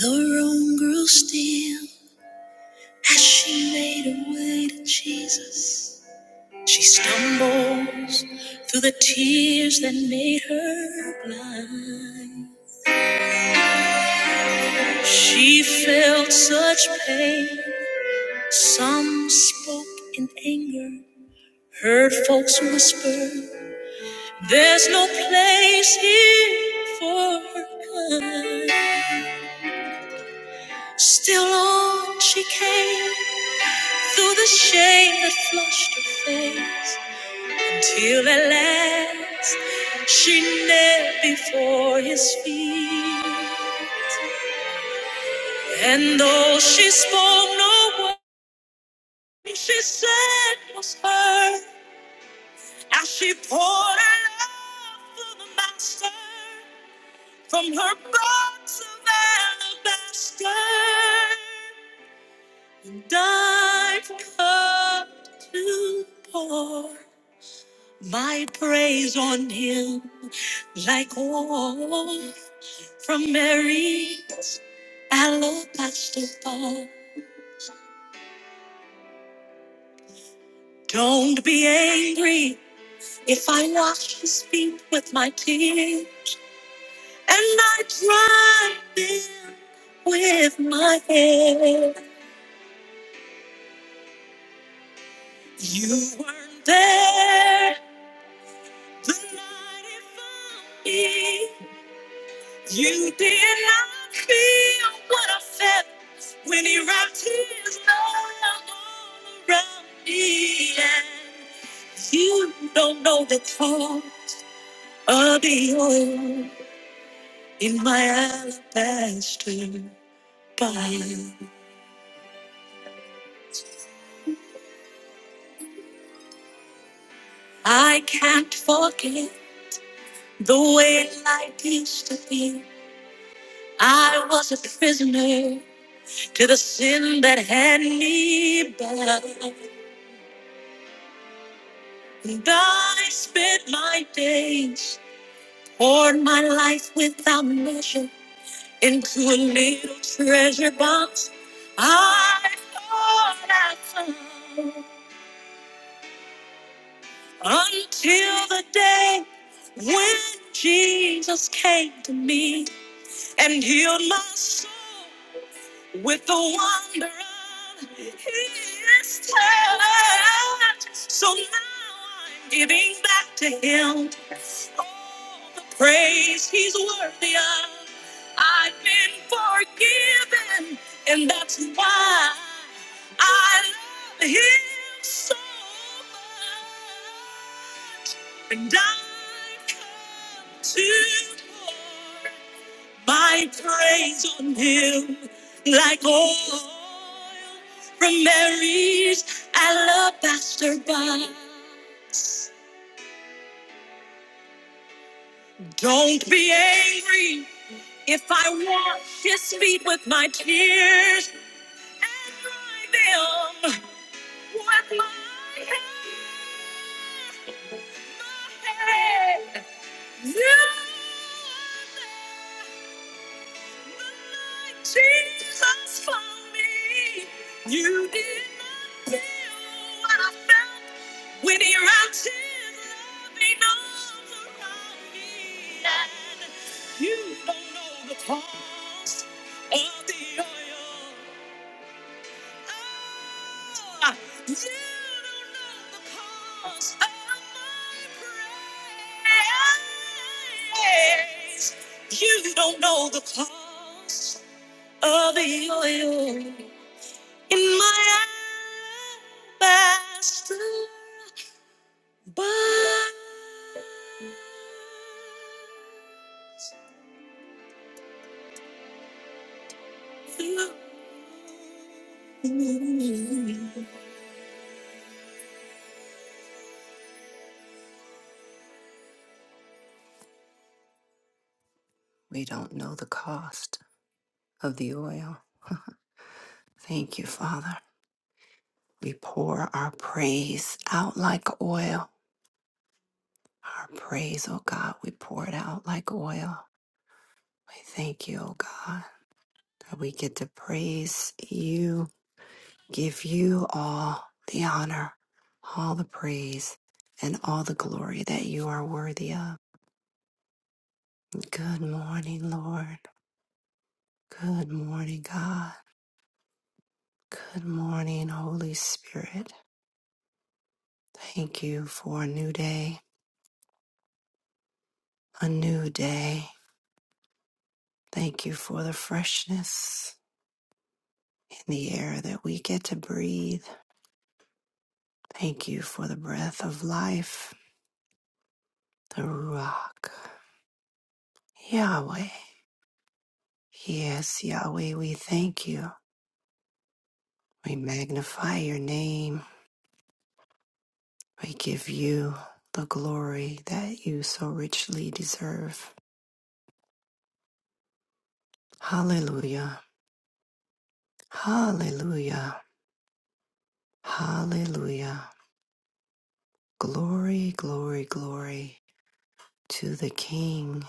The room grew still as she made her way to Jesus. She stumbles through the tears that made her blind. She felt such pain. Some spoke in anger, heard folks whisper, There's no place here for her kind. Still on she came through the shame that flushed her face. till at last she knelt before his feet. And though she spoke no word, what she said was heard as she poured her love for the master from her box of alabaster. And I've come to pour my praise on him like oil From Mary Alopastopol. Don't be angry if I wash his feet with my tears and I dry them with my hair. You weren't there the night it found me. You did not feel what I felt when he wrapped his love all around me. And you don't know the call of the oil in my alabaster body. I can't forget the way life used to be. I was a prisoner to the sin that had me bound. And I spent my days, poured my life without measure into a little treasure box. I, until the day when Jesus came to me and healed my soul with the wonder of his touch. So now I'm giving back to him praise he's worthy of. I've been forgiven, and that's why I love him so much. And I come to pour my praise on him like oil from Mary's alabaster box. Don't be angry. If I wash his feet with my tears and dry them with my hair, my hair, you Jesus for me. You did not feel what I felt when your actions loving arms around me. And you don't know the cost of the oil. Oh, you don't know the cost of my praise. You don't know the cost of the oil in my alabaster box. We don't know the cost of the oil. Thank you, Father. We pour our praise out like oil. Our praise, oh God, we pour it out like oil. We thank you, oh God, that we get to praise you give you all the honor, all the praise, and all the glory that you are worthy of. Good morning, Lord. Good morning, God. Good morning, Holy Spirit. Thank you for a new day, a new day. Thank you for the freshness in the air that we get to breathe. Thank you for the breath of life, the Ruach. Yahweh. Yes, Yahweh, we thank you. We magnify your name. We give you the glory that you so richly deserve. Hallelujah. Hallelujah. Hallelujah. Glory, glory, glory to the King.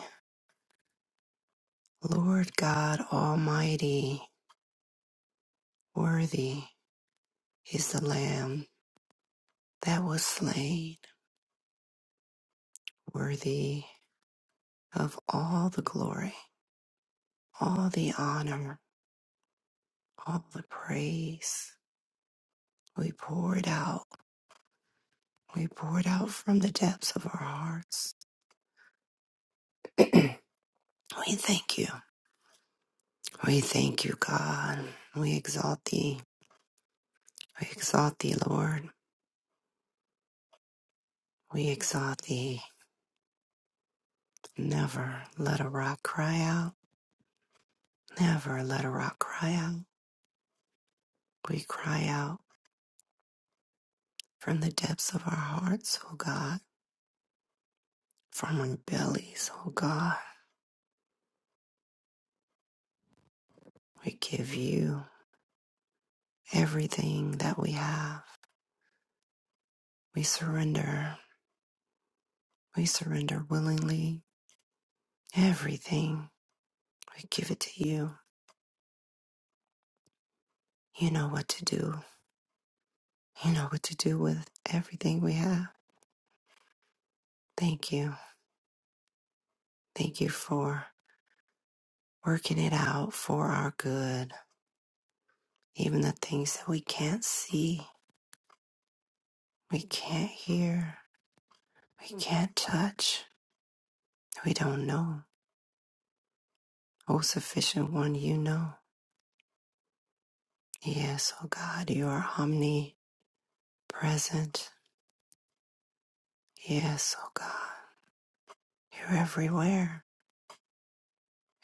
Lord God Almighty, worthy is the Lamb that was slain, worthy of all the glory, all the honor, all the praise. We pour it out We pour it out from the depths of our hearts. We thank you. We thank you, God. We exalt thee. We exalt thee, Lord. We exalt thee. Never let a rock cry out. Never let a rock cry out. We cry out from the depths of our hearts, O God, from our bellies, O God. We give you everything that we have. We surrender. We surrender willingly. Everything. We give it to you. You know what to do. You know what to do with everything we have. Thank you. Thank you for working it out for our good. Even the things that we can't see, we can't hear, we can't touch, we don't know. Oh, sufficient one, you know. Yes, oh God, you are omnipresent. Yes, oh God, you're everywhere,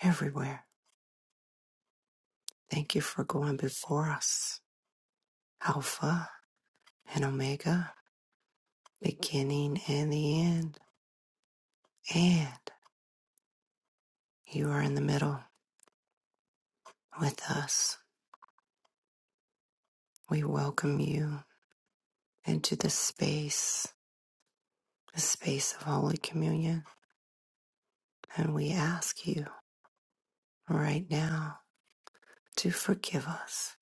everywhere. Thank you for going before us, Alpha and Omega. beginning and the end. And you are in the middle with us. We welcome you into the space, the space of Holy Communion. And we ask you right now to forgive us.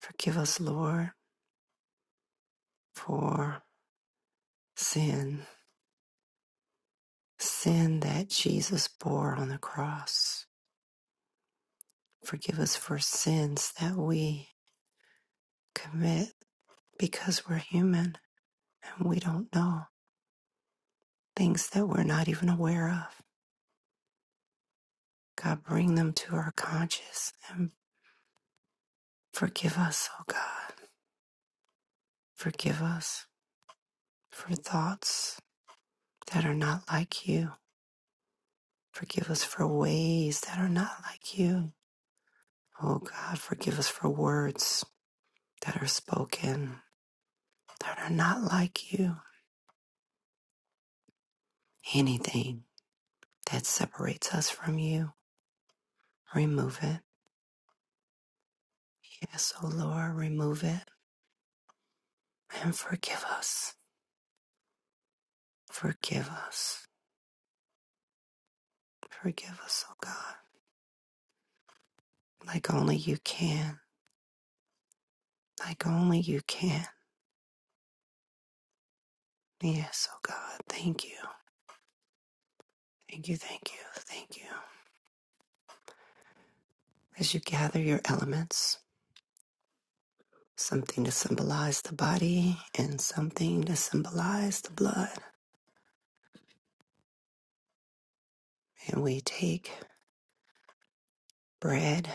Forgive us, Lord, for sin, sin that Jesus bore on the cross. Forgive us for sins that we commit because we're human and we don't know things that we're not even aware of. God, bring them to our conscious and forgive us, oh God. Forgive us for thoughts that are not like you. Forgive us for ways that are not like you. Oh God, forgive us for words that are spoken that are not like you. Anything that separates us from you, remove it. Yes, oh Lord, remove it and forgive us. Forgive us. Forgive us, oh God, like only you can. like only you can. Yes, oh God, thank you. Thank you, thank you, thank you. As you gather your elements, something to symbolize the body and something to symbolize the blood. And we take bread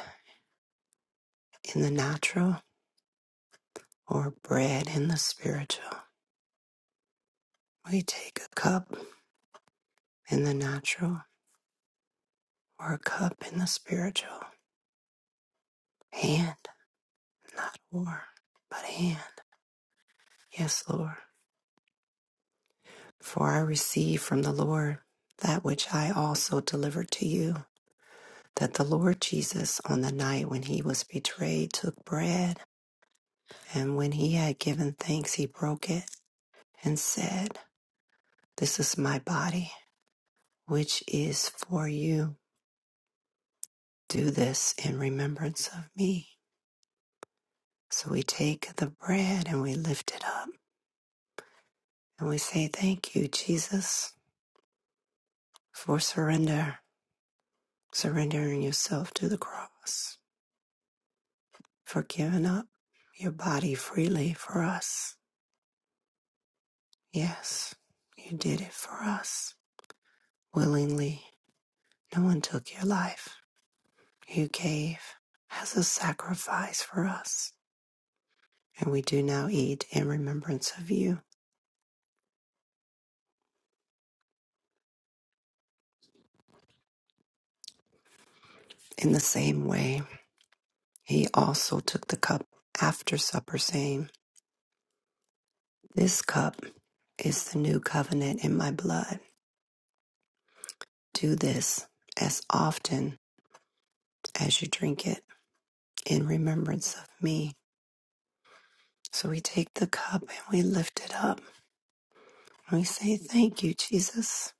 in the natural or bread in the spiritual. We take a cup in the natural or a cup in the spiritual. Hand, not war, but hand. Yes, Lord. For I received from the Lord that which I also delivered to you, that the Lord Jesus, on the night when he was betrayed, took bread, and when he had given thanks, he broke it and said, This is my body, which is for you. Do this in remembrance of me. So we take the bread and we lift it up and we say, Thank you, Jesus, for surrender, surrendering yourself to the cross. for giving up your body freely for us. Yes, you did it for us willingly. No one took your life. You gave as a sacrifice for us. And we do now eat in remembrance of you. In the same way, he also took the cup after supper, saying, This cup is the new covenant in my blood. Do this as often as you drink it in remembrance of me. So we take the cup and we lift it up. We say, Thank you, Jesus.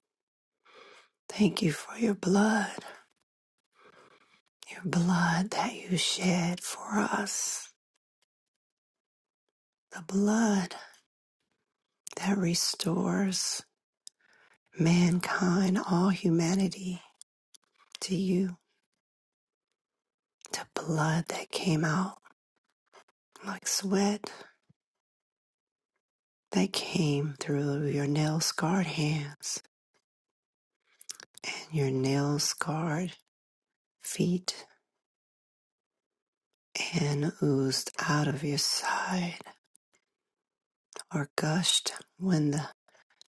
Thank you for your blood, your blood that you shed for us, the blood that restores mankind, all humanity to you, the blood that came out like sweat that came through your nail scarred hands and your nail scarred feet and oozed out of your side or gushed when the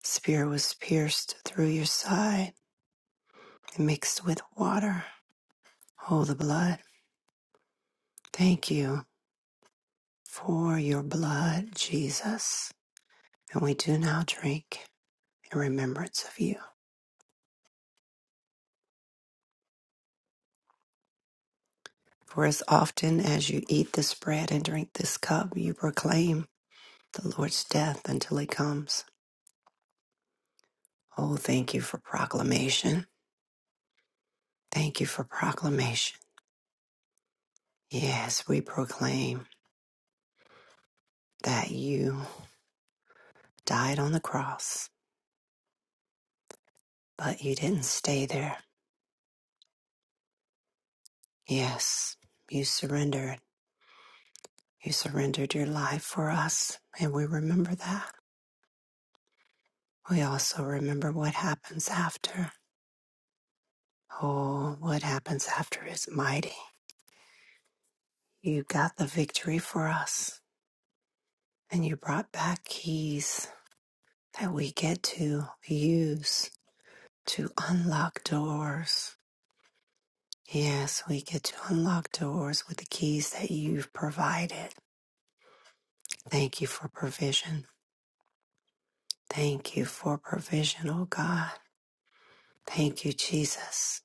spear was pierced through your side and mixed with water. Oh, the blood. Thank you for your blood, Jesus. And we do now drink in remembrance of you. For as often as you eat this bread and drink this cup, you proclaim the Lord's death until he comes. Oh, thank you for proclamation. Thank you for proclamation. Yes, we proclaim that you died on the cross But you didn't stay there. Yes, you surrendered. You surrendered your life for us, and we remember that. We also remember what happens after. Oh, what happens after is mighty. You got the victory for us, and you brought back keys that we get to use to unlock doors. Yes, we get to unlock doors with the keys that you've provided. Thank you for provision. Thank you for provision, O God. Thank you, Jesus.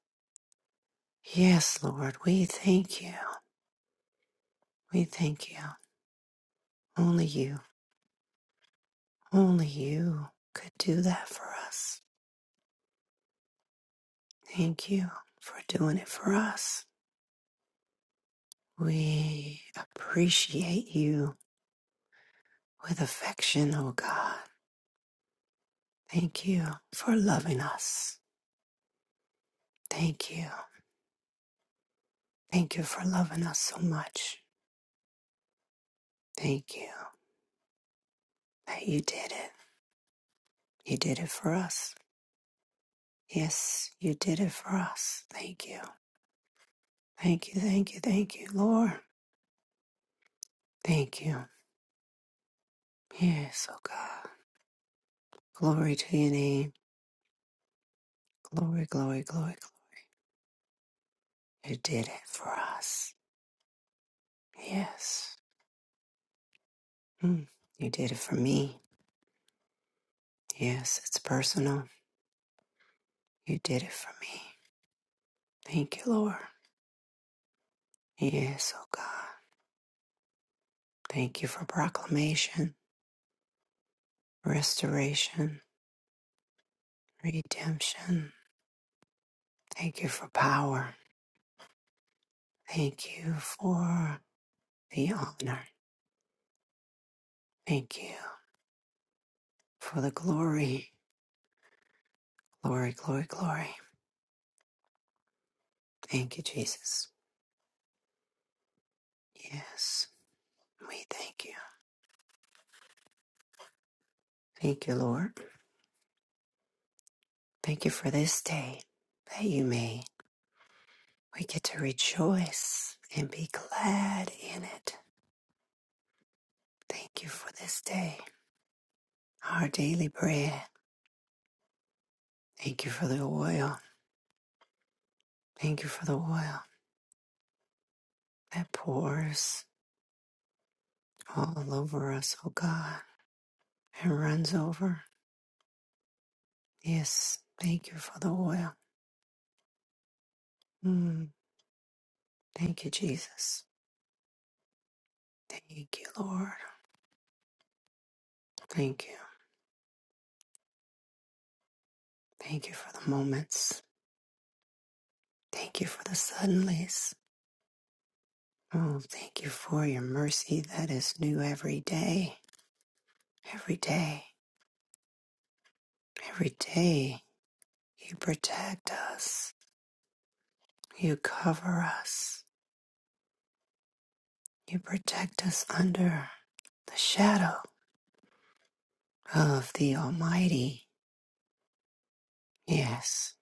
Yes, Lord, we thank you. We thank you. Only you, only you could do that for us. Thank you for doing it for us. We appreciate you with affection, O God. Thank you for loving us. Thank you. Thank you for loving us so much. Thank you that you did it. You did it for us. Yes, you did it for us. Thank you. Thank you, thank you, thank you, Lord. Thank you. Yes, oh God. Glory to your name. Glory, glory, glory, glory. You did it for us. Yes. Mm. You did it for me. Yes, it's personal. You did it for me. Thank you, Lord. Yes, oh God. Thank you for proclamation, restoration, redemption. Thank you for power. Thank you for the honor. Thank you. for the glory, glory, glory, glory. Thank you, Jesus. Yes, we thank you. Thank you, Lord. Thank you for this day that you made. We get to rejoice and be glad in it. Thank you for this day, our daily bread. Thank you for the oil. Thank you for the oil that pours all over us, oh God, and runs over. Yes, thank you for the oil. Mm, thank you, Jesus. Thank you, Lord. Thank you. Thank you for the moments. Thank you for the suddenlies. Oh, thank you for your mercy that is new every day. Every day. Every day. You protect us. You cover us. You protect us under the shadow of the Almighty. Yes,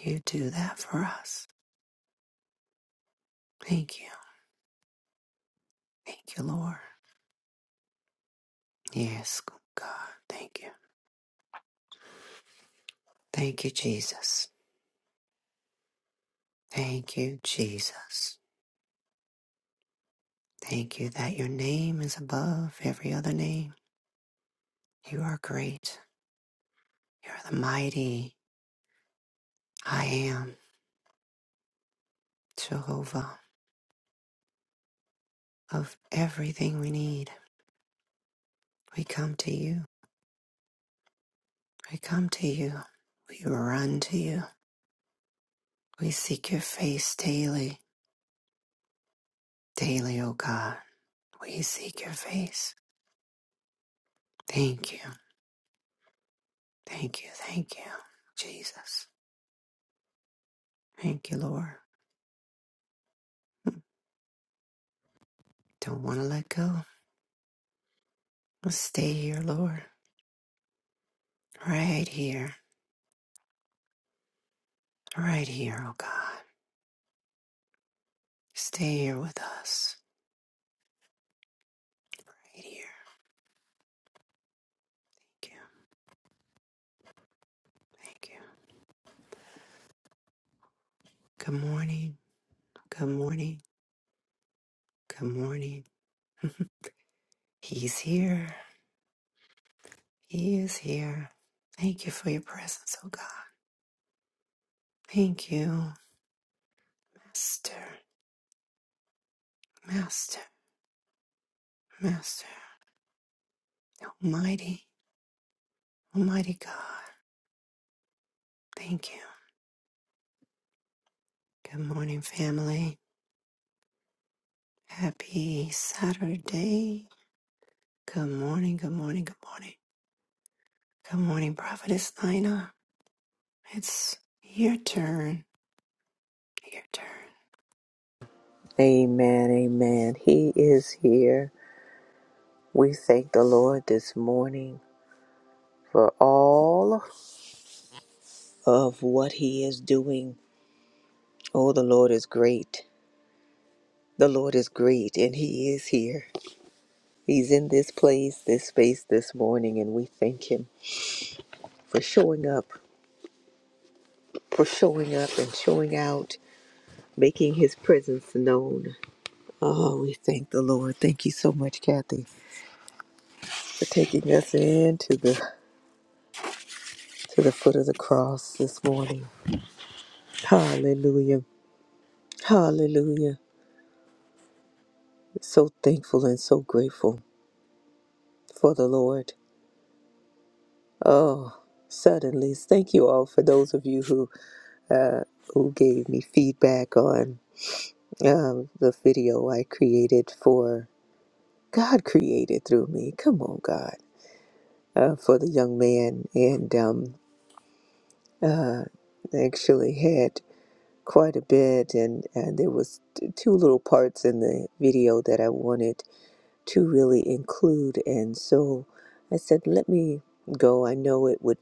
you do that for us. Thank you. Thank you, Lord. Yes, God. Thank you. Thank you, Jesus. Thank you, Jesus. Thank you that your name is above every other name. You are great. You're the mighty I am, Jehovah, of everything we need. We come to you. We come to you. We run to you. We seek your face daily. Daily, O God. We seek your face. Thank you. Thank you. Thank you, Jesus. Thank you, Lord. Don't want to let go. Stay here, Lord. Right here Right here, oh God. Stay here with us. Right here. Thank you. Thank you. Good morning. Good morning. Good morning. He's here. He is here. Thank you for your presence, oh God. Thank you, Master, Master, Master, Almighty, Almighty God. Thank you. Good morning, family. Happy Saturday. Good morning, good morning, good morning. Good morning, Prophetess Nina. It's your turn. Your turn. Amen, amen. He is here. We thank the Lord this morning for all of what He is doing. Oh, the Lord is great. The Lord is great, and He is here. He's in this place, this space this morning, and we thank Him for showing up, for showing up and showing out, making His presence known. Oh, we thank the Lord. Thank you so much, Kathy, for taking us into the to the foot of the cross this morning. Hallelujah. Hallelujah. So thankful and so grateful for the Lord. Oh, suddenly. Thank you all for those of you who uh, who gave me feedback on um, the video I created for God created through me. Come on, God. Uh, for the young man and um, I actually had quite a bit and, and there was t- two little parts in the video that I wanted to really include. And so I said, let me go. I know it would,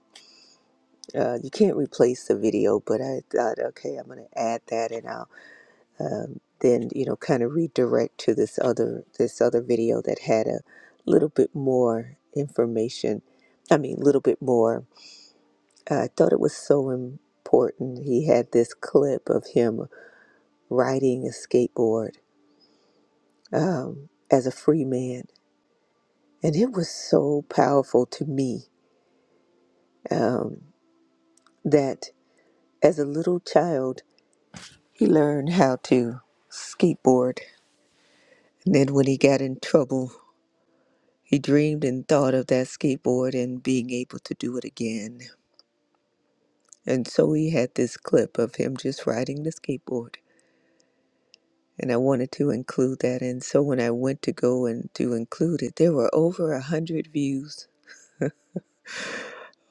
uh, you can't replace the video, but I thought, okay, I'm going to add that and I'll um, then, you know, kind of redirect to this other, this other video that had a little bit more information. I mean, a little bit more. Uh, I thought it was so important. He had this clip of him riding a skateboard um, as a free man. And it was so powerful to me Um, that as a little child, he learned how to skateboard. And then when he got in trouble, he dreamed and thought of that skateboard and being able to do it again. And so he had this clip of him just riding the skateboard. And I wanted to include that. And so when I went to go and to include it, there were over a hundred views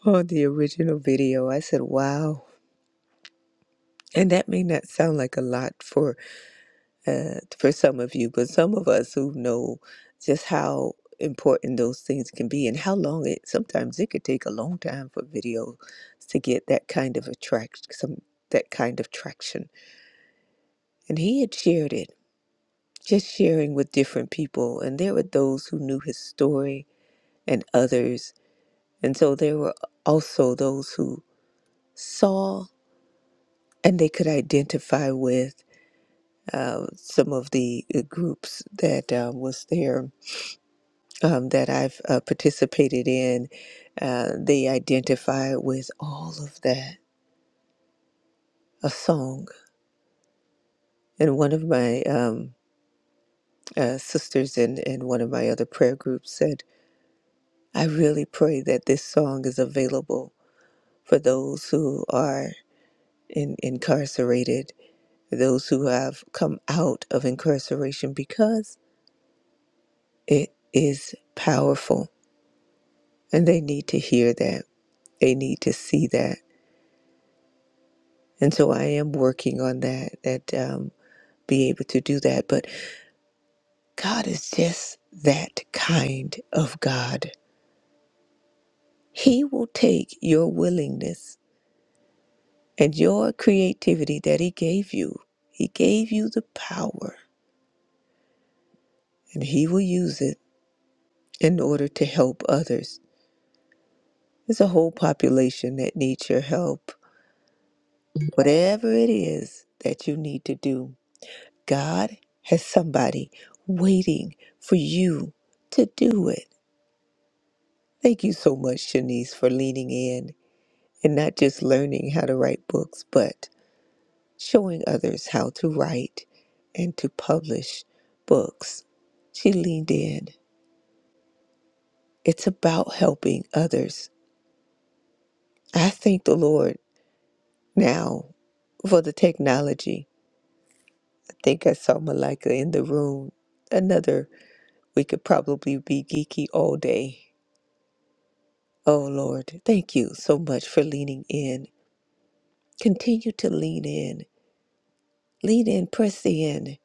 on the original video. I said, wow. And that may not sound like a lot for uh, for some of you, but some of us who know just how important those things can be and how long it sometimes it could take a long time for videos to get that kind of attract some that kind of traction. And he had shared it, just sharing with different people, and there were those who knew his story and others, and so there were also those who saw and they could identify with uh, some of the uh, groups that uh, was there um, that I've uh, participated in, uh, they identify with all of that. A song. And one of my um, uh, sisters in, in one of my other prayer groups said, I really pray that this song is available for those who are in, incarcerated, those who have come out of incarceration, because it is powerful and they need to hear that. They need to see that. And so I am working on that. That um, be able to do that. But God is just that kind of God. He will take your willingness and your creativity that He gave you. He gave you the power, and He will use it in order to help others. There's a whole population that needs your help. Whatever it is that you need to do, God has somebody waiting for you to do it. Thank you so much, Shanice, for leaning in and not just learning how to write books, but showing others how to write and to publish books. She leaned in. It's about helping others. I thank the Lord now for the technology. I think I saw Malika in the room. Another, we could probably be geeky all day. Oh Lord, thank you so much for leaning in. Continue to lean in. Lean in, press in.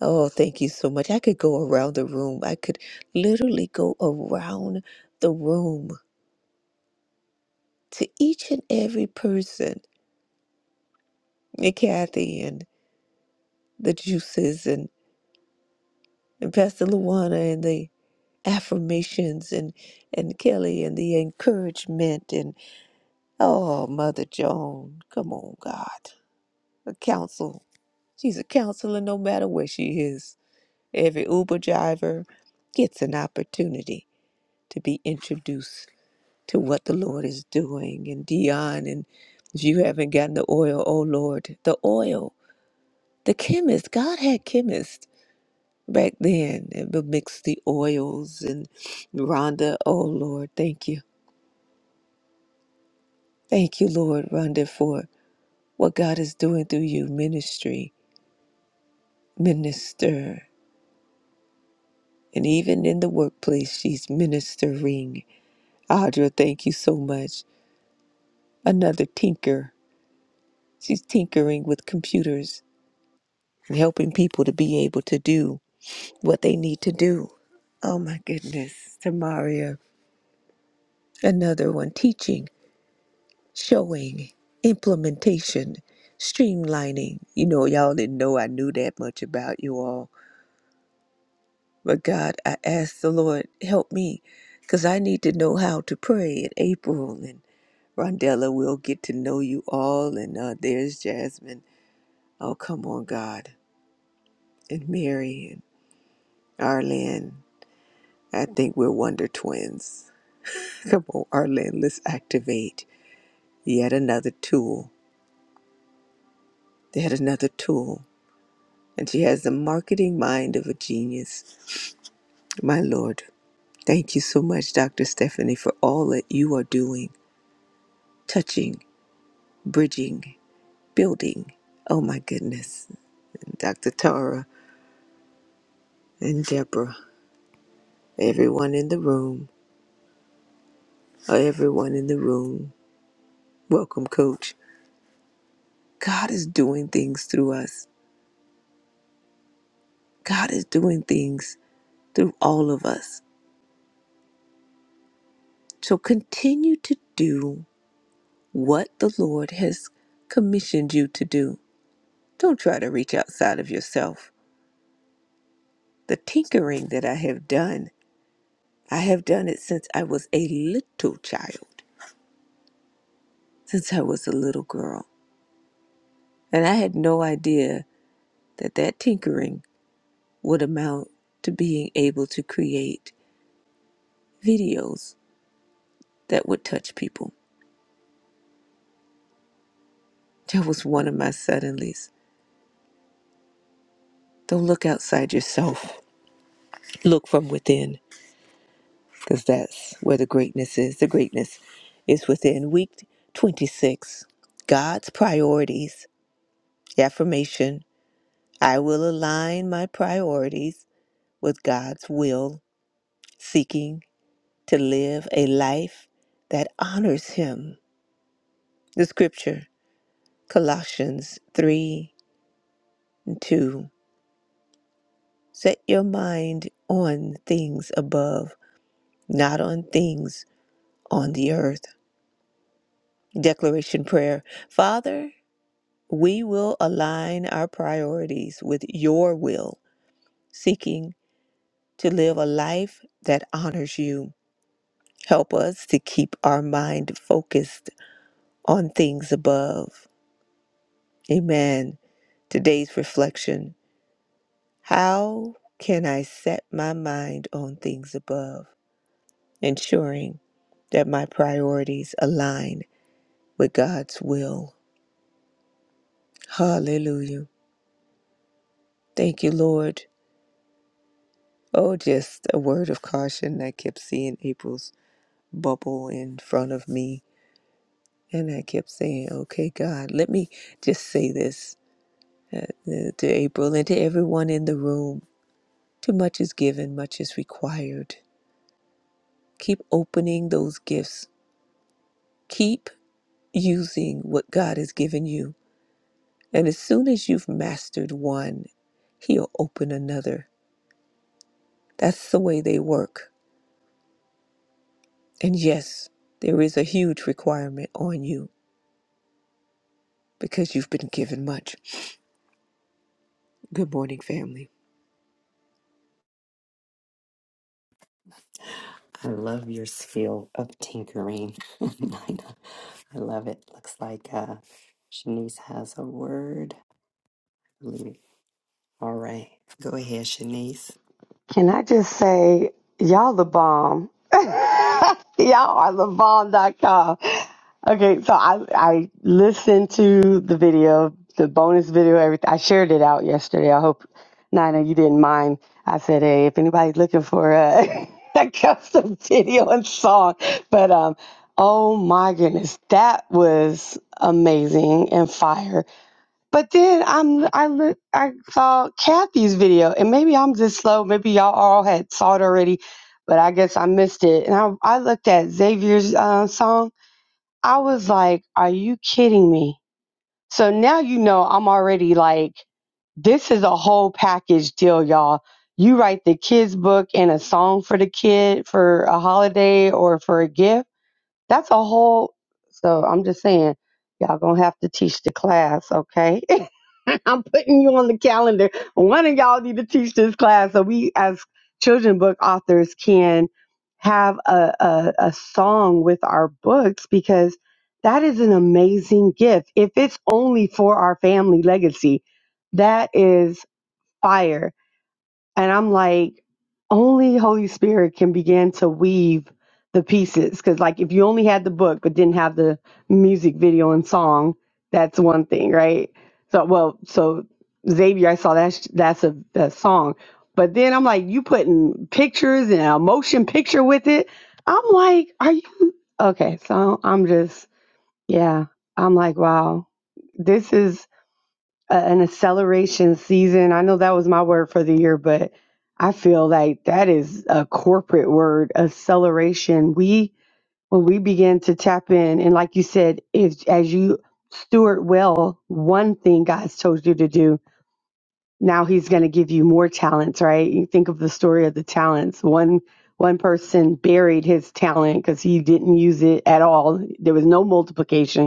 Oh, thank you so much. I could go around the room. I could literally go around the room to each and every person, and Kathy and the juices and, and Pastor Luana and the affirmations and and Kelly and the encouragement and oh, Mother Joan. Come on, God. A counsel. She's a counselor no matter where she is. Every Uber driver gets an opportunity to be introduced to what the Lord is doing. And Dion, and if you haven't gotten the oil, oh Lord, the oil, the chemist, God had chemists back then and would mix the oils. And Rhonda, oh Lord, thank you. Thank you, Lord, Rhonda, for what God is doing through you, ministry, minister. And even in the workplace, she's ministering. Audra, thank you so much. Another tinker. She's tinkering with computers and helping people to be able to do what they need to do. Oh my goodness, Tamaria, another one teaching, showing, implementation, streamlining. You know, y'all didn't know I knew that much about you all. But God, I ask the Lord, help me, because I need to know how to pray in April. And Rondella will get to know you all. And uh, there's Jasmine. Oh, come on, God. And Mary and Arlen. I think we're Wonder Twins. Come on, Arlen, let's activate Yet another tool, yet another tool. And she has the marketing mind of a genius. My Lord, thank you so much, Dr. Stephanie, for all that you are doing, touching, bridging, building. Oh my goodness. And Dr. Tara and Deborah, everyone in the room, uh, everyone in the room. Welcome, Coach. God is doing things through us. God is doing things through all of us. So continue to do what the Lord has commissioned you to do. Don't try to reach outside of yourself. The tinkering that I have done, I have done it since I was a little child, since I was a little girl. And I had no idea that that tinkering would amount to being able to create videos that would touch people. That was one of my suddenlies. Don't look outside yourself, look from within. because that's where the greatness is. The greatness is within. Week 26, God's priorities, affirmation. I will align my priorities with God's will, seeking to live a life that honors Him. The scripture, Colossians 3 and 2. Set your mind on things above, not on things on the earth. Declaration prayer. Father, We will align our priorities with your will, seeking to live a life that honors you. Help us to keep our mind focused on things above. Amen. Today's reflection How can I set my mind on things above, ensuring that my priorities align with God's will? Hallelujah. Thank you, Lord. Oh, just a word of caution. I kept seeing April's bubble in front of me. And I kept saying, okay, God, let me just say this uh, uh, to April and to everyone in the room. Too much is given, much is required. Keep opening those gifts. Keep using what God has given you. And as soon as you've mastered one, He'll open another. That's the way they work. And yes, there is a huge requirement on you because you've been given much. Good morning, family. I love your skill of tinkering, Nina. I love it. Looks like uh, Shanice has a word. Believe- All right, go ahead, Shanice. Can I just say, y'all the bomb. y'all are the bomb, dot com. Okay, so I, I listened to the video, the bonus video, everything. I shared it out yesterday. I hope, Nina, you didn't mind. I said, hey, if anybody's looking for a, a custom video and song, but um, oh my goodness, that was amazing and fire but then I'm, I li- I saw Kathy's video, and maybe I'm just slow. Maybe y'all all had saw it already, but I guess I missed it. And I I looked at Xavier's uh, song. I was like, "Are you kidding me?" So now you know I'm already like, this is a whole package deal, y'all. You write the kids book and a song for the kid for a holiday or for a gift that's a whole. So I'm just saying, y'all gonna have to teach the class, okay? I'm putting you on the calendar. One of y'all need to teach this class so we, as children book authors, can have a, a, a song with our books because that is an amazing gift. If it's only for our family legacy, that is fire and I'm like, only Holy Spirit can begin to weave the pieces. Cause like if you only had the book but didn't have the music video and song, that's one thing, right? So well, so Xavier, I saw that's that's a, a song. But then I'm like, you putting pictures and a motion picture with it. I'm like, are you okay? So I'm just, yeah. I'm like, wow, this is a- an acceleration season. I know that was my word for the year, but I feel like that is a corporate word, acceleration. We when we begin to tap in, and like you said, if as you steward well one thing God's told you to do, now He's going to give you more talents, right? You think of the story of the talents. One one person buried his talent because he didn't use it at all. There was no multiplication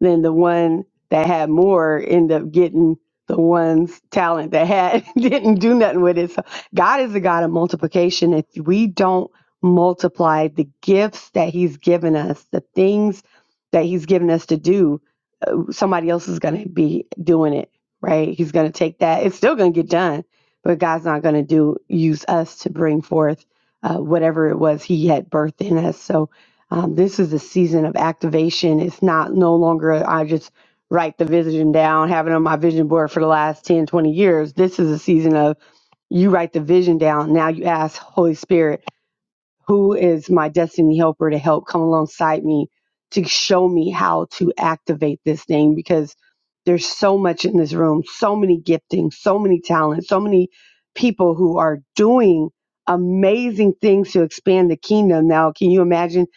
then the one that had more end up getting the one's talent that had didn't do nothing with it. So God is a God of multiplication. If we don't multiply the gifts that He's given us, the things that He's given us to do, somebody else is going to be doing it, right? He's going to take that. It's still going to get done, but God's not going to do use us to bring forth uh, whatever it was He had birthed in us. So um, this is a season of activation. It's not no longer I just write the vision down, have it on my vision board for the last 10, 20 years. This is a season of you write the vision down. Now you ask Holy Spirit who is my destiny helper to help come alongside me to show me how to activate this thing because there's so much in this room, so many giftings, so many talents, so many people who are doing amazing things to expand the kingdom. Now, can you imagine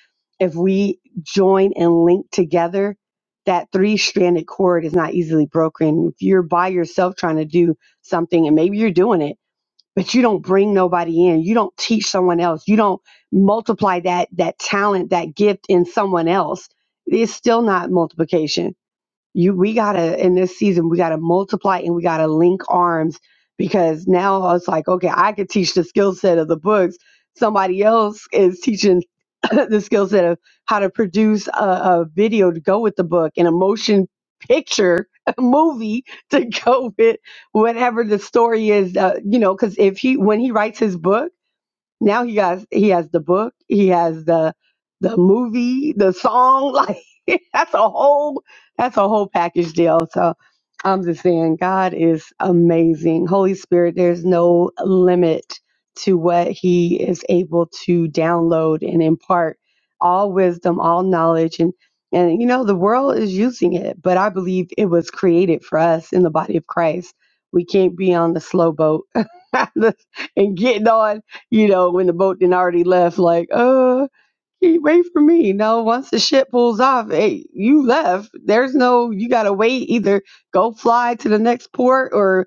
if we join and link together? That three stranded cord is not easily broken. If you're by yourself trying to do something, and maybe you're doing it, but you don't bring nobody in you don't teach someone else you don't multiply that that talent that gift in someone else it's still not multiplication you we gotta in this season we gotta multiply and we gotta link arms because now it's like okay i could teach the skill set of the books somebody else is teaching the skill set of how to produce a, a video to go with the book and a motion picture a movie to go with whatever the story is uh, you know because if he when he writes his book now he has he has the book, he has the the movie, the song. Like that's a whole that's a whole package deal. So I'm just saying, God is amazing. Holy Spirit, there's no limit to what He is able to download and impart. All wisdom, all knowledge, and and you know the world is using it, but I believe it was created for us in the body of Christ. We can't be on the slow boat and getting on you know, when the boat then already left, like, uh, hey, wait for me. No, once the ship pulls off, hey, you left. There's no, you gotta wait. Either go fly to the next port, or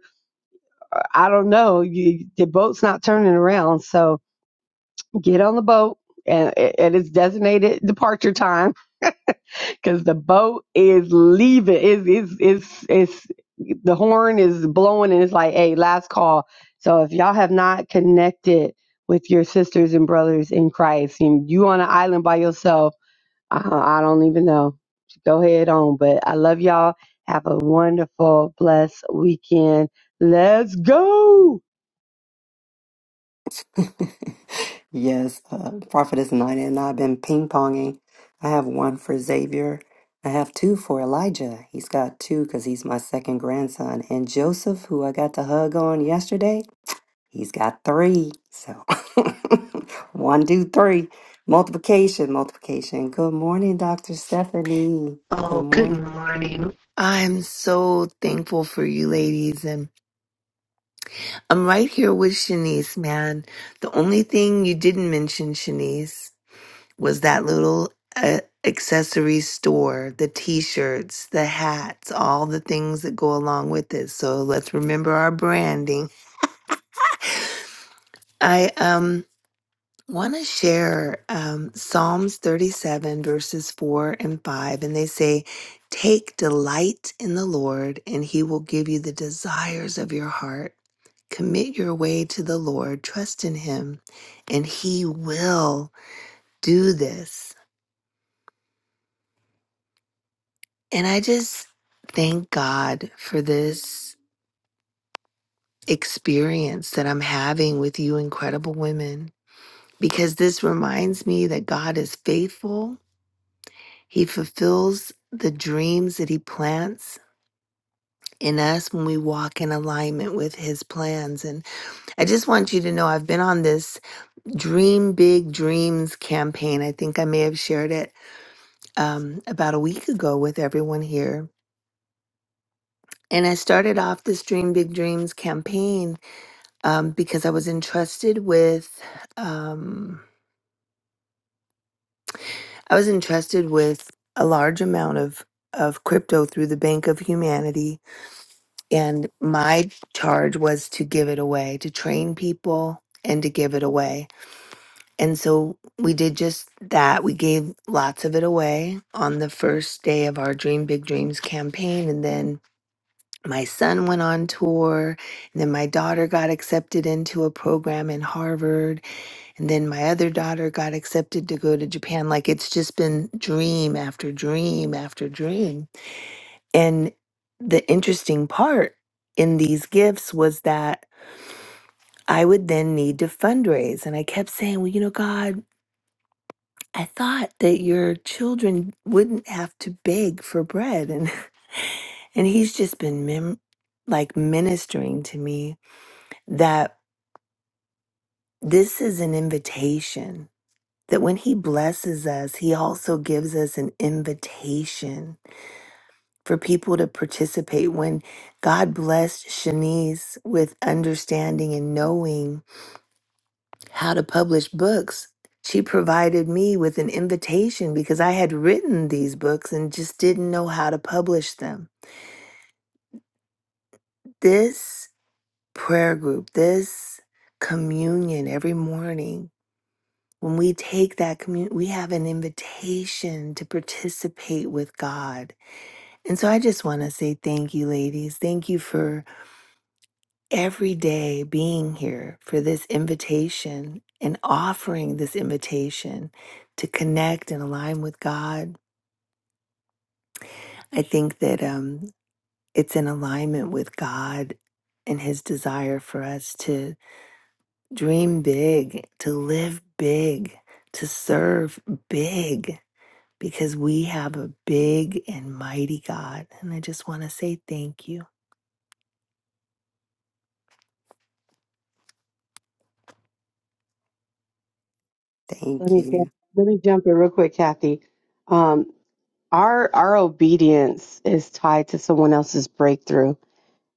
uh, I don't know. You, the boat's not turning around, so get on the boat and at its designated departure time because the boat is leaving. Is is is is the horn is blowing and it's like, hey, last call. So if y'all have not connected with your sisters and brothers in Christ, and you on an island by yourself, uh, I don't even know. Go ahead on, but I love y'all. Have a wonderful, blessed weekend. Let's go. yes, uh, Prophetess Nina and I've been ping ponging. I have one for Xavier. I have two for Elijah. He's got two because he's my second grandson. And Joseph, who I got to hug on yesterday, He's got three. So one, two, three. Multiplication, multiplication. Good morning, Dr. Stephanie. Good Oh, good morning. morning. I'm Aman. The only thing you did, Denise, was that little uh, accessory store, the t-shirts, the hats, all the things that go along with it. So let's remember our branding. I um want to share um, Psalms 37 verses 4 and 5 and they say take delight in the Lord and he will give you the desires of your heart. Commit your way to the Lord, trust in Him, and He will do this. And I just thank God for this experience that I'm having with you, incredible women, because this reminds me that God is faithful. He fulfills the dreams that He plants in us when we walk in alignment with His plans. And I just want you to know I've been on this Dream Big Dreams campaign. I think I may have shared it um, about a week ago with everyone here. And I started off this Dream Big Dreams campaign um, because I was entrusted with um, I was entrusted with a large amount of of crypto through the Bank of Humanity, and my charge was to give it away, to train people, and to give it away. And so we did just that. We gave lots of it away on the first day of our Dream Big Dreams campaign, and then my son went on tour and then my daughter got accepted into a program in Harvard and then my other daughter got accepted to go to Japan like it's just been dream after dream after dream and the interesting part in these gifts was that I would then need to fundraise and I kept saying well you know God I thought that your children wouldn't have to beg for bread and and he's just been mem- like ministering to me that this is an invitation, that when He blesses us, He also gives us an invitation for people to participate. When God blessed Shanice with understanding and knowing how to publish books, she provided me with an invitation because I had written these books and just didn't know how to publish them. This prayer group, this communion every morning When we take that communion, we have an invitation to participate with God. And so I just want to say thank you, ladies. Thank you for every day being here for this invitation and offering this invitation to connect and align with God. I think that um, it's in alignment with God and His desire for us to dream big, to live big, to serve big because we have a big and mighty God. And I just want to say thank you. Let Thank me jump- you. let me jump in real quick, Kathy. Um, our our obedience is tied to someone else's breakthrough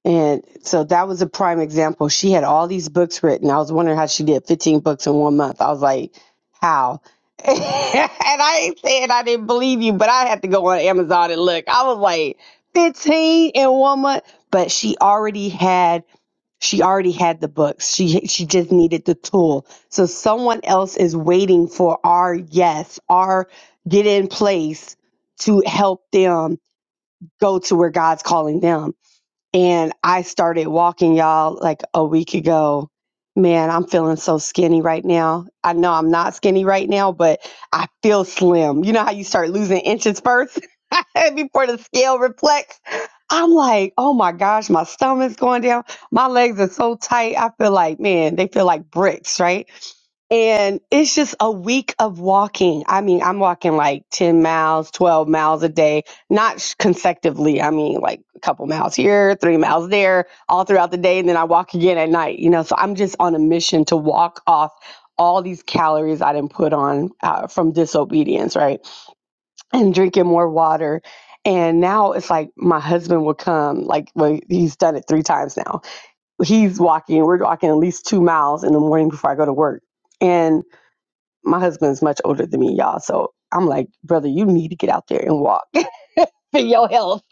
And so that was a prime example. She had all these books written. I was wondering how she did 15 books in one month. I was like, how? and I ain't saying I didn't believe you, but I had to go on Amazon and look. I was like, 15 in one month. But she already had she already had the books. She she just needed the tool. So someone else is waiting for our yes, our get in place to help them go to where God's calling them and I started walking, y'all, like a week ago. Man, I'm feeling so skinny right now. I know I'm not skinny right now, but I feel slim. You know how you start losing inches first before the scale reflects? I'm like, oh my gosh, my stomach's going down. My legs are so tight. I feel like, man, they feel like bricks, right? And it's just a week of walking. I mean, I'm walking like 10 miles, 12 miles a day, not sh- consecutively. I mean, like a couple miles here, three miles there, all throughout the day. And then I walk again at night, you know. So I'm just on a mission to walk off all these calories I didn't put on uh, from disobedience, right? And drinking more water. And now it's like my husband will come, like, well, he's done it three times now. He's walking, we're walking at least two miles in the morning before I go to work. And my husband's much older than me, y'all. So I'm like, brother, you need to get out there and walk for your health.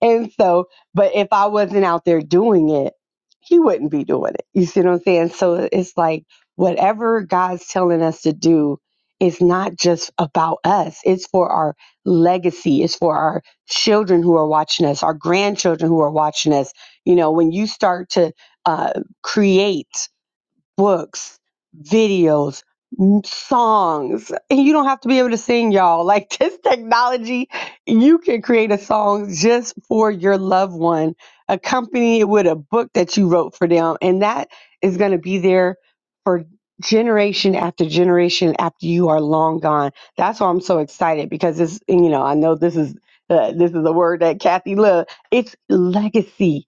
And so, but if I wasn't out there doing it, he wouldn't be doing it. You see what I'm saying? So it's like whatever God's telling us to do is not just about us, it's for our legacy, it's for our children who are watching us, our grandchildren who are watching us. You know, when you start to uh, create, books, videos, m- songs. And you don't have to be able to sing, y'all. Like this technology, you can create a song just for your loved one, accompany it with a book that you wrote for them. And that is going to be there for generation after generation after you are long gone. That's why I'm so excited because this, you know, I know this is. Uh, this is a word that Kathy loved. It's legacy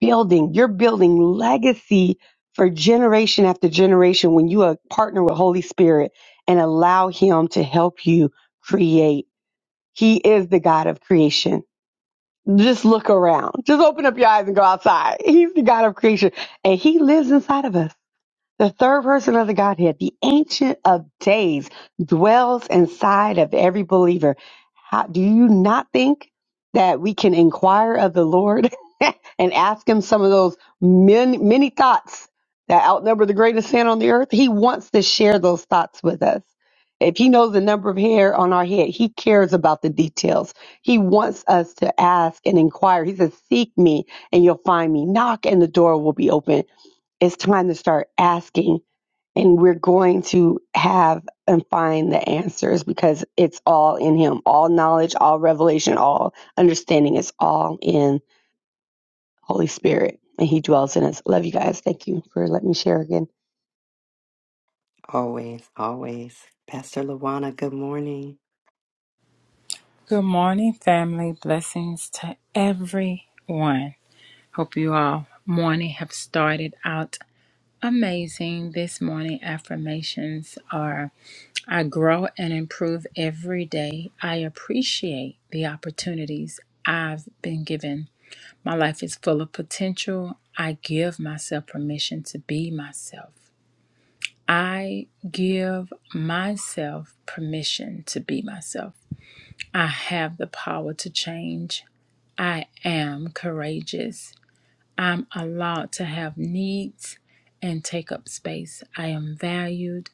building, you're building legacy for generation after generation when you uh, partner with Holy Spirit and allow Him to help you create. He is the God of creation. Just look around. Just open up your eyes and go outside. He's the God of creation and He lives inside of us. The third person of the Godhead, the Ancient of Days, dwells inside of every believer. How, do you not think that we can inquire of the Lord and ask Him some of those many, many thoughts that outnumber the greatest sin on the earth? He wants to share those thoughts with us. If He knows the number of hair on our head, He cares about the details. He wants us to ask and inquire. He says, Seek me and you'll find me. Knock and the door will be open it's time to start asking and we're going to have and find the answers because it's all in him all knowledge all revelation all understanding is all in holy spirit and he dwells in us love you guys thank you for letting me share again Always, always. Pastor Lawana, good morning. Good morning, family. Blessings to everyone. Hope you all morning have started out amazing. This morning affirmations are I grow and improve every day. I appreciate the opportunities I've been given. My life is full of potential. I give myself permission to be myself. I give myself permission to be myself. I have the power to change. I am courageous. I'm allowed to have needs and take up space. I am valued.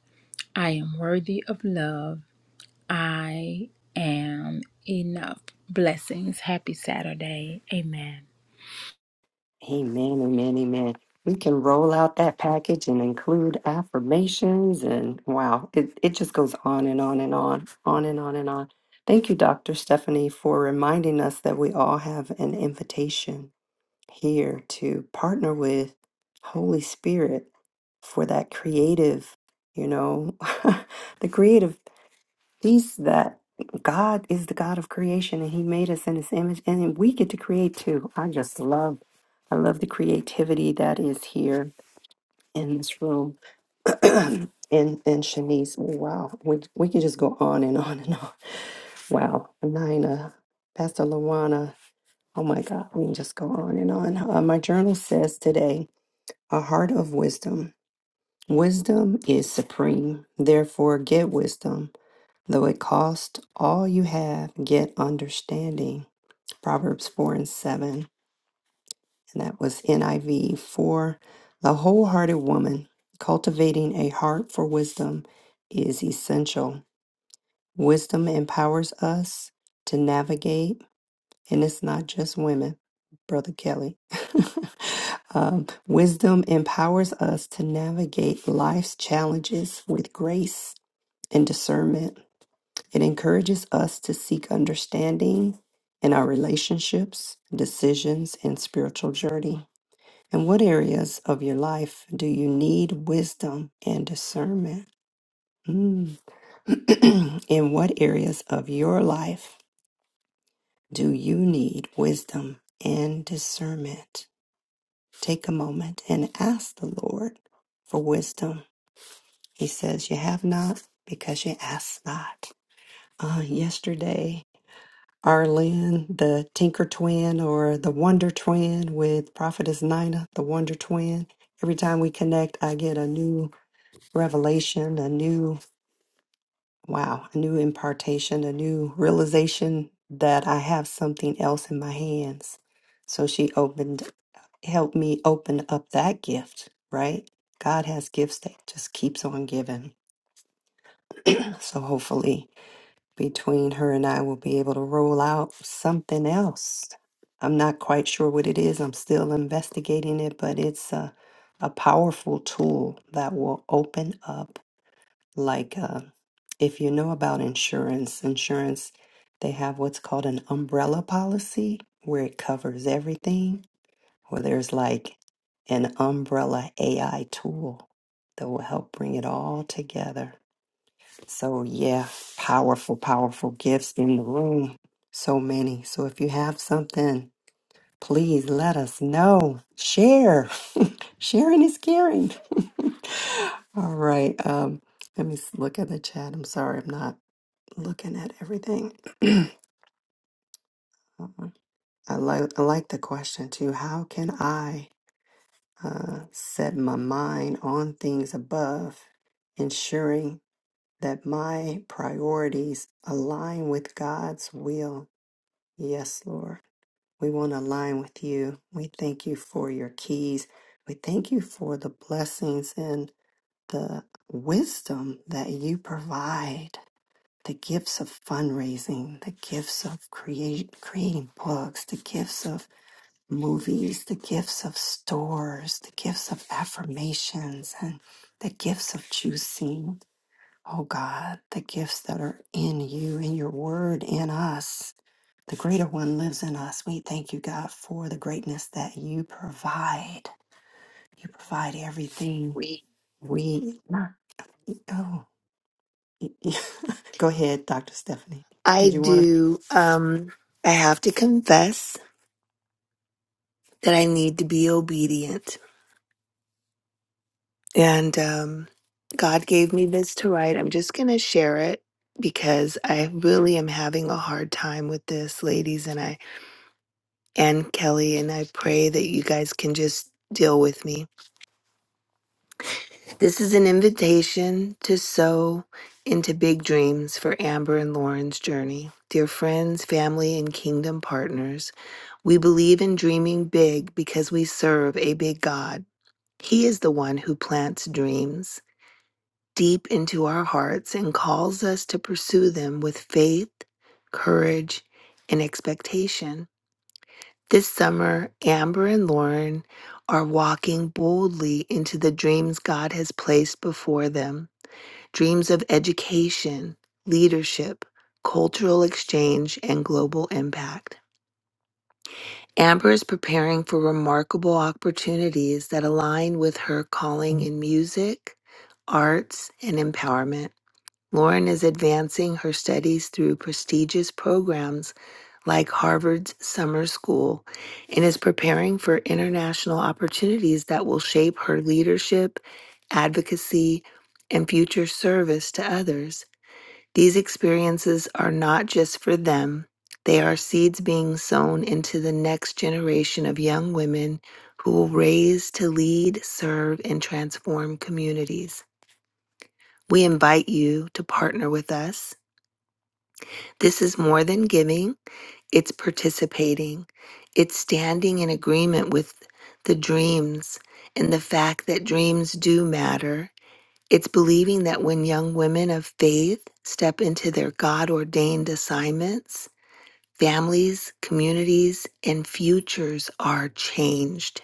I am worthy of love. I am enough. Blessings. Happy Saturday. Amen. Amen, amen, amen. We can roll out that package and include affirmations and wow, it, it just goes on and on and on, on and on and on. Thank you, Dr. Stephanie, for reminding us that we all have an invitation here to partner with Holy Spirit for that creative, you know, the creative piece that God is the God of creation and He made us in His image and then we get to create too. I just love, I love the creativity that is here in this room. and and Shanice, wow, we we can just go on and on and on. Wow, Nina, Pastor Luana, Oh my God, we can just go on and on. Uh, my journal says today, a heart of wisdom. Wisdom is supreme. Therefore, get wisdom. Though it cost all you have, get understanding. Proverbs 4 and 7. And that was NIV for the wholehearted woman. Cultivating a heart for wisdom is essential. Wisdom empowers us to navigate and it's not just women, Brother Kelly. um, wisdom empowers us to navigate life's challenges with grace and discernment. It encourages us to seek understanding in our relationships, decisions, and spiritual journey. And what areas of your life do you need wisdom and discernment? Mm. in what areas of your life do you need wisdom and discernment? take a moment and ask the Lord for wisdom. He says, You have not because you ask not. Uh, yesterday, Arlene, the Tinker Twin or the Wonder Twin with Prophetess Nina, the Wonder Twin, every time we connect, I get a new revelation, a new, wow, a new impartation, a new realization that I have something else in my hands. So she opened help me open up that gift, right? God has gifts that just keeps on giving. so hopefully between her and I we'll be able to roll out something else. I'm not quite sure what it is. I'm still investigating it, but it's a, a powerful tool that will open up like uh, if you know about insurance, insurance they have what's called an umbrella policy where it covers everything or there's like an umbrella AI tool that will help bring it all together. So, yeah, powerful, powerful gifts in the room. So many. So, if you have something, please let us know. Share. Sharing is caring. all right. Um, let me s- look at the chat. I'm sorry, I'm not looking at everything. I like I like the question too. How can I? uh, set my mind on things above, ensuring that my priorities align with God's will. Yes, Lord, we want to align with you. We thank you for your keys. We thank you for the blessings and the wisdom that you provide. The gifts of fundraising, the gifts of create, creating books, the gifts of movies, the gifts of stores, the gifts of affirmations, and the gifts of choosing. Oh God, the gifts that are in you, in your word, in us. The greater one lives in us. We thank you, God, for the greatness that you provide. You provide everything We. we. Oh, go ahead, Dr. Stephanie. I Did you want to? do. Um, I have to confess that I need to be obedient. And um, God gave me this to write. I'm just going to share it because I really am having a hard time with this, ladies, and I and Kelly, and I pray that you guys can just deal with me. This is an invitation to sow into big dreams for Amber and Lauren's journey. Dear friends, family, and kingdom partners, we believe in dreaming big because we serve a big God. He is the one who plants dreams deep into our hearts and calls us to pursue them with faith, courage, and expectation. This summer, Amber and Lauren are walking boldly into the dreams God has placed before them dreams of education, leadership, cultural exchange, and global impact. Amber is preparing for remarkable opportunities that align with her calling in music, arts, and empowerment. Lauren is advancing her studies through prestigious programs like Harvard's Summer School and is preparing for international opportunities that will shape her leadership, advocacy, and future service to others. These experiences are not just for them, they are seeds being sown into the next generation of young women who will raise to lead, serve, and transform communities. We invite you to partner with us. This is more than giving, it's participating. It's standing in agreement with the dreams and the fact that dreams do matter. It's believing that when young women of faith step into their God ordained assignments, Families, communities, and futures are changed.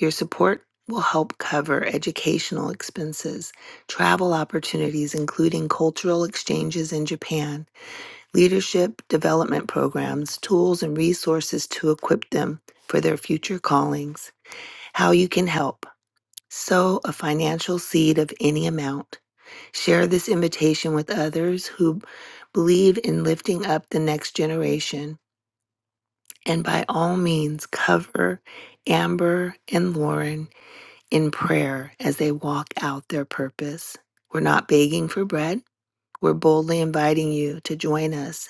Your support will help cover educational expenses, travel opportunities, including cultural exchanges in Japan, leadership development programs, tools, and resources to equip them for their future callings. How you can help. Sow a financial seed of any amount. Share this invitation with others who believe in lifting up the next generation. and by all means cover Amber and Lauren in prayer as they walk out their purpose. We're not begging for bread, we're boldly inviting you to join us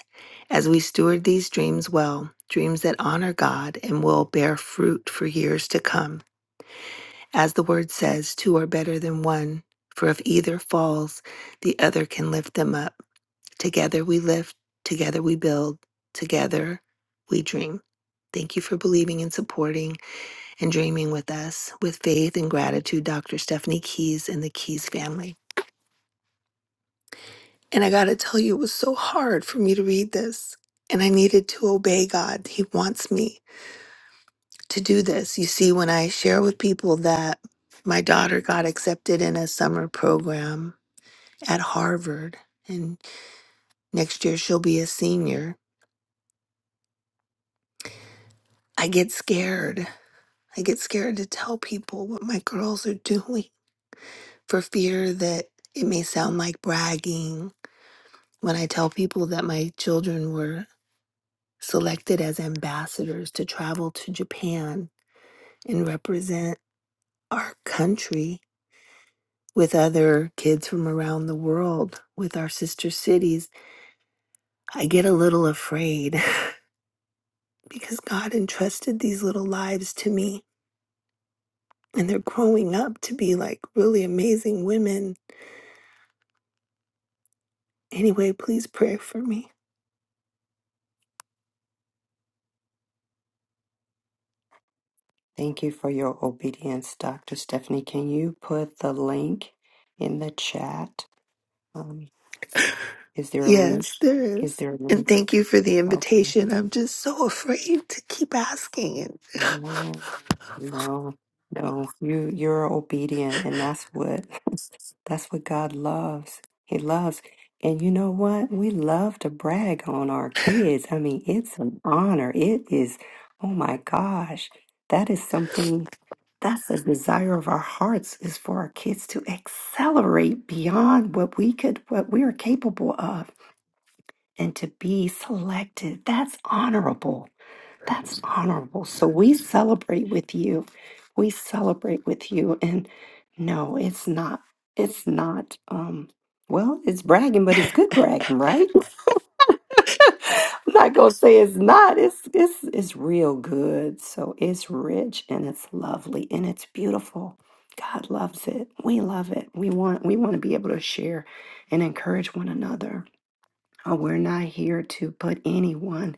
as we steward these dreams well, dreams that honor God and will bear fruit for years to come. As the word says, two are better than one, for if either falls, the other can lift them up. Together we lift. together we build, together we dream. Thank you for believing and supporting and dreaming with us. With faith and gratitude, Dr. Stephanie Keys and the Keys family. And I got to tell you, it was so hard for me to read this. And I needed to obey God. He wants me to do this. You see, when I share with people that my daughter got accepted in a summer program at Harvard, and next year she'll be a senior, I get scared I get scared to tell people what my girls are doing for fear that it may sound like bragging. When I tell people that my children were selected as ambassadors to travel to Japan and represent our country with other kids from around the world, with our sister cities, I get a little afraid because God entrusted these little lives to me and they're growing up to be like really amazing women. Anyway, please pray for me. Thank you for your obedience, Dr. Stephanie. Can you put the link in the chat? Um, is there a link? Yes, there Is is. there a And link? thank you for the Okay. invitation. I'm just so afraid to keep asking. it. No, no, no. You you're obedient, and that's what that's what God loves. He loves, and you know what? We love to brag on our kids. I mean, it's an honor. It is. Oh my gosh, that is something. That's a desire of our hearts is for our kids to accelerate beyond what we could, what we are capable of. and to be selected. That's honorable. That's honorable. So we celebrate with you. We celebrate with you. And no, it's not, it's not, um, well, it's bragging, but it's good bragging, right? I'm not gonna say it's not. It's it's it's real good. So it's rich and it's lovely and it's beautiful. God loves it. We love it. We want we want to be able to share and encourage one another. Uh, we're not here to put anyone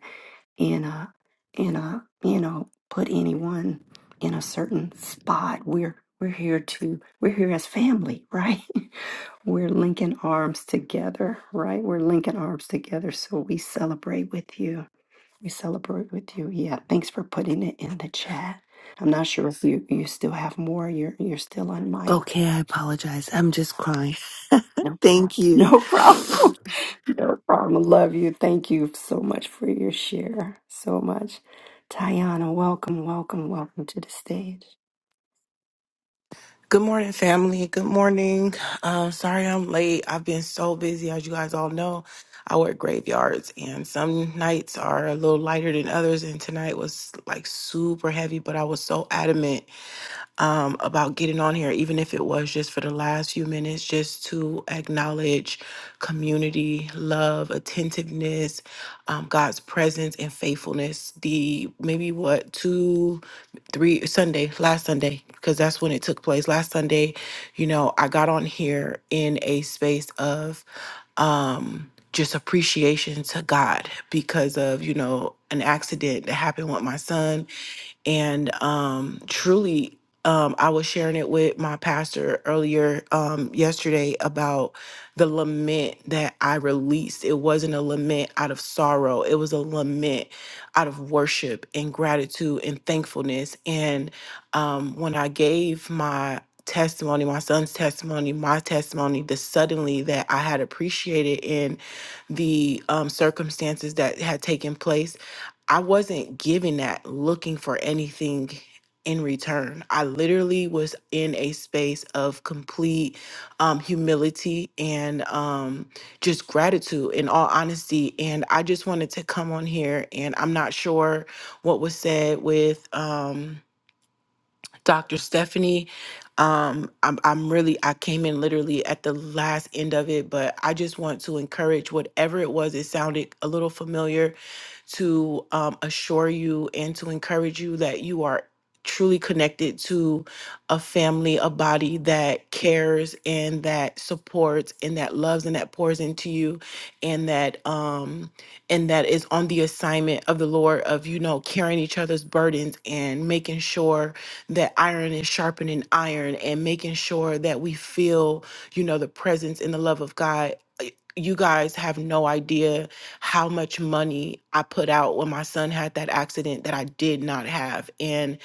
in a in a you know put anyone in a certain spot. We're we're here to we're here as family, right? we're linking arms together, right? We're linking arms together, so we celebrate with you. We celebrate with you. Yeah, thanks for putting it in the chat. I'm not sure if you, you still have more. You're you're still on mic. Okay, I apologize. I'm just crying. No problem. Thank you. No problem. No problem. Love you. Thank you so much for your share. So much. Tayana, welcome, welcome, welcome to the stage. Good morning, family. Good morning. Um, sorry I'm late. I've been so busy, as you guys all know. I work graveyards, and some nights are a little lighter than others. And tonight was like super heavy, but I was so adamant um, about getting on here, even if it was just for the last few minutes, just to acknowledge community, love, attentiveness, um, God's presence, and faithfulness. The maybe what two, three Sunday, last Sunday, because that's when it took place. Last Sunday, you know, I got on here in a space of um, just appreciation to God because of you know an accident that happened with my son and um, truly um, i was sharing it with my pastor earlier um, yesterday about the lament that i released it wasn't a lament out of sorrow it was a lament out of worship and gratitude and thankfulness and um, when i gave my testimony my son's testimony my testimony the suddenly that i had appreciated in the um, circumstances that had taken place I wasn't giving that looking for anything in return. I literally was in a space of complete um, humility and um, just gratitude, in all honesty. And I just wanted to come on here, and I'm not sure what was said with. Um, Dr. Stephanie. Um, I'm, I'm really, I came in literally at the last end of it, but I just want to encourage whatever it was, it sounded a little familiar to um, assure you and to encourage you that you are truly connected to a family, a body that cares and that supports and that loves and that pours into you and that, um, and that is on the assignment of the Lord of, you know, carrying each other's burdens and making sure that iron is sharpening iron and making sure that we feel, you know, the presence and the love of God. Uh, You guys have no idea how much money I put out when my son had that accident that I did not have. And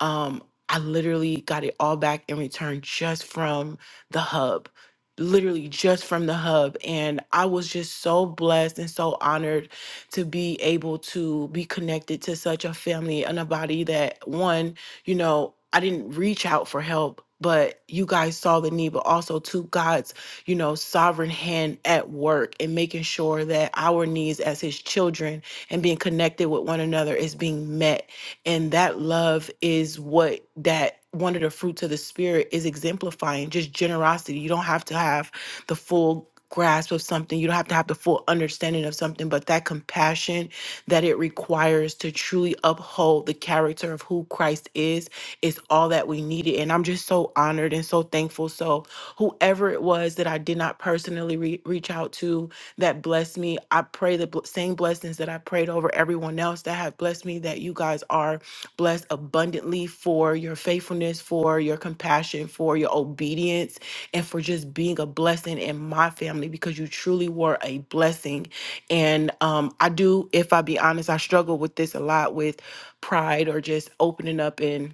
um, I literally got it all back in return just from the hub, literally just from the hub. And I was just so blessed and so honored to be able to be connected to such a family and a body that, one, you know, I didn't reach out for help, but you guys saw the need, but also to God's, you know, sovereign hand at work and making sure that our needs as his children and being connected with one another is being met. And that love is what that one of the fruits of the spirit is exemplifying just generosity. You don't have to have the full grasp of something. You don't have to have the full understanding of something, but that compassion that it requires to truly uphold the character of who Christ is is all that we needed. And I'm just so honored and so thankful. So, whoever it was that I did not personally re- reach out to that blessed me, I pray the bl- same blessings that I prayed over everyone else that have blessed me, that you guys are blessed abundantly for your faithfulness, for your compassion, for your obedience and for just being a blessing in my family because you truly were a blessing. And um, I do, if I be honest, I struggle with this a lot with pride or just opening up and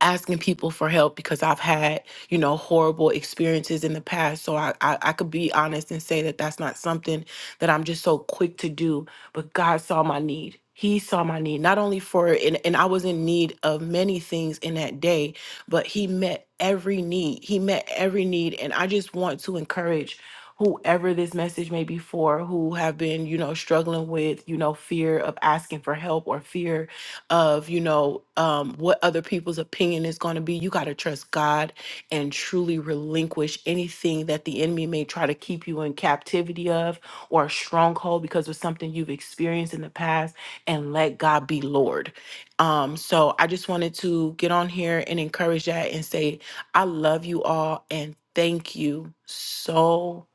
asking people for help because I've had, you know, horrible experiences in the past. So I, I, I could be honest and say that that's not something that I'm just so quick to do. But God saw my need. He saw my need, not only for, and, and I was in need of many things in that day, but He met every need. He met every need. And I just want to encourage whoever this message may be for who have been you know struggling with you know fear of asking for help or fear of you know um, what other people's opinion is going to be you got to trust god and truly relinquish anything that the enemy may try to keep you in captivity of or a stronghold because of something you've experienced in the past and let god be lord um, so i just wanted to get on here and encourage that and say i love you all and thank you so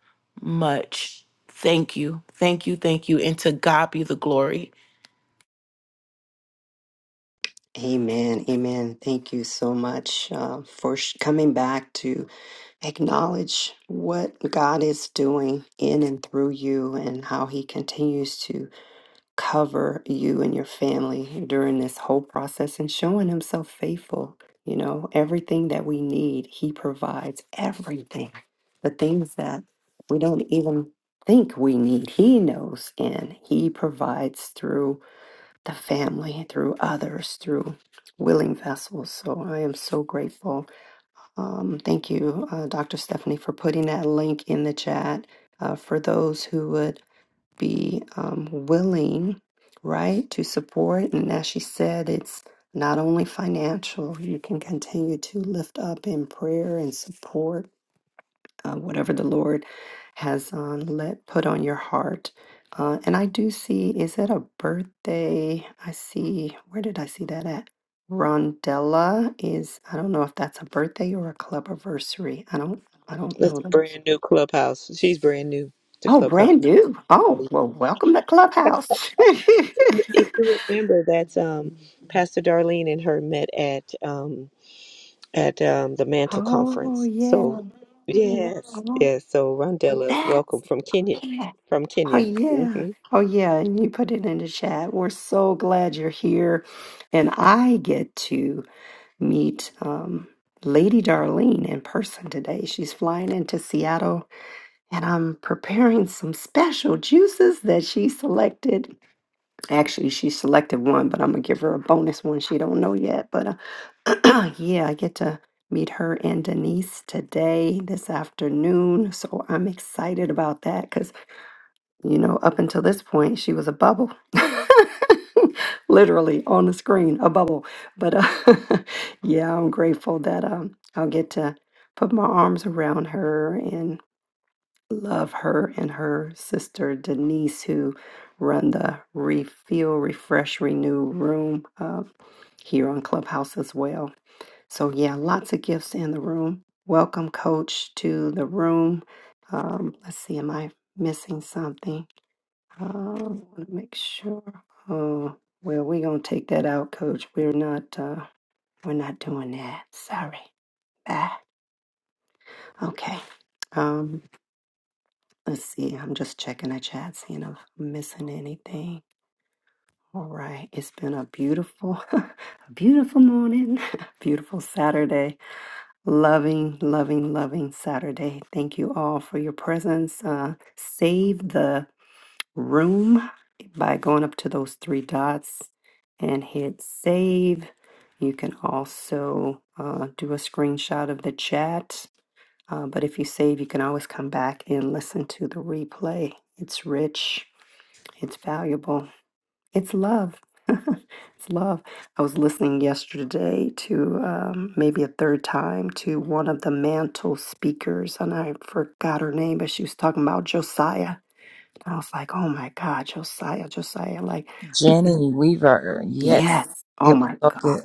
much Thank you. Thank you. Thank you. And to God be the glory. Amen. Amen. Thank you so much uh, for sh- coming back to acknowledge what God is doing in and through you and how He continues to cover you and your family during this whole process and showing himself faithful. You know, everything that we need, he provides everything. The things that we don't even think we need, he knows and he provides through the family, through others, through willing vessels. So I am so grateful. Um, thank you, uh, Dr. Stephanie, for putting that link in the chat. Uh, for those who would be um, willing, right, to support. And as she said, it's not only financial, you can continue to lift up in prayer and support uh, whatever the Lord has um, let put on your heart. Uh, and I do see, is that a birthday? I see, where did I see that at? Rondella is, I don't know if that's a birthday or a club anniversary. I don't, I don't That's know. a brand new clubhouse. She's brand new to Oh, brand clubhouse. new. Oh, well, welcome to Clubhouse. If you remember, that's um, Pastor Darlene and her met at um, at um, the Mantle oh, Conference. yeah. So yes, Oh, yes. So Rondella, that's, welcome from Kenya, yeah. from Oh, Kenya. yeah. hmm Oh, yeah. And you put it in the chat. We're so glad you're here. And I get to meet um, Lady Darlene in person today. She's flying into Seattle, and I'm preparing some special juices that she selected. Actually, she selected one, but I'm going to give her a bonus one she don't know yet. But yeah, I get to meet her and Denise today, this afternoon. So I'm excited about that because, you know, up until this point, she was a bubble. Literally on the screen, a bubble. But uh, yeah, I'm grateful that um, I'll get to put my arms around her and love her and her sister Denise, who run the Refuel, Refresh, Renew room uh, here on Clubhouse as well. So, yeah, lots of gifts in the room. Welcome, coach, to the room. Um, let's see, am I missing something? Uh, I want to make sure. Oh, well, we're gonna take that out, coach. We're not, uh, we're not doing that. Sorry. Bye. Okay. Um, let's see. I'm just checking the chat, seeing if I'm missing anything. All right. It's been a beautiful, a beautiful morning, beautiful Saturday. Loving, loving, loving Saturday. Thank you all for your presence. Uh, save the room by going up to those three dots and hit save. You can also uh, do a screenshot of the chat. Uh, but if you save, you can always come back and listen to the replay. It's rich, it's valuable. It's love. it's love. I was listening yesterday to um, maybe a third time to one of the mantle speakers, and I forgot her name, but she was talking about Josiah. I was like, oh my God, Josiah, Josiah. Like, Jenny Weaver. Yes, yes. Oh it was my so God. good.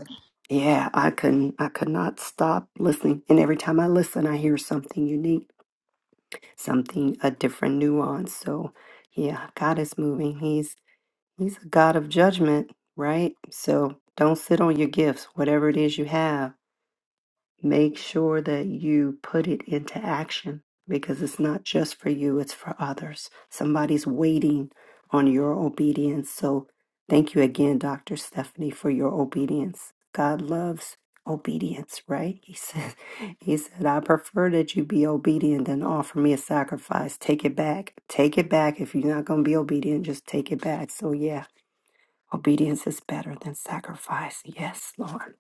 Yeah, I couldn't, I could not stop listening. And every time I listen, I hear something unique, something, a different nuance. So, yeah, God is moving. He's. He's a God of judgment, right? So don't sit on your gifts, whatever it is you have. Make sure that you put it into action because it's not just for you, it's for others. Somebody's waiting on your obedience. So thank you again, Dr. Stephanie, for your obedience. God loves obedience, right? He said, He said, I prefer that you be obedient than offer me a sacrifice. Take it back. Take it back. If you're not going to be obedient, just take it back. So, yeah. Obedience is better than sacrifice. Yes, Lord.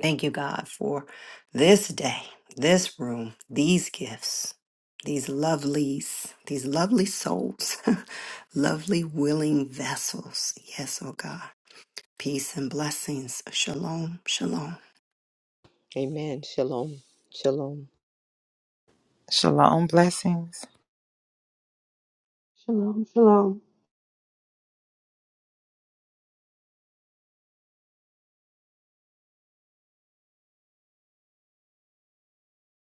Thank you, God, for this day, this room, these gifts, these lovelies, these lovely souls, lovely, willing vessels. Yes, oh God. Peace and blessings. Shalom, shalom. Amen. Shalom. Shalom. Shalom blessings. shalom shalom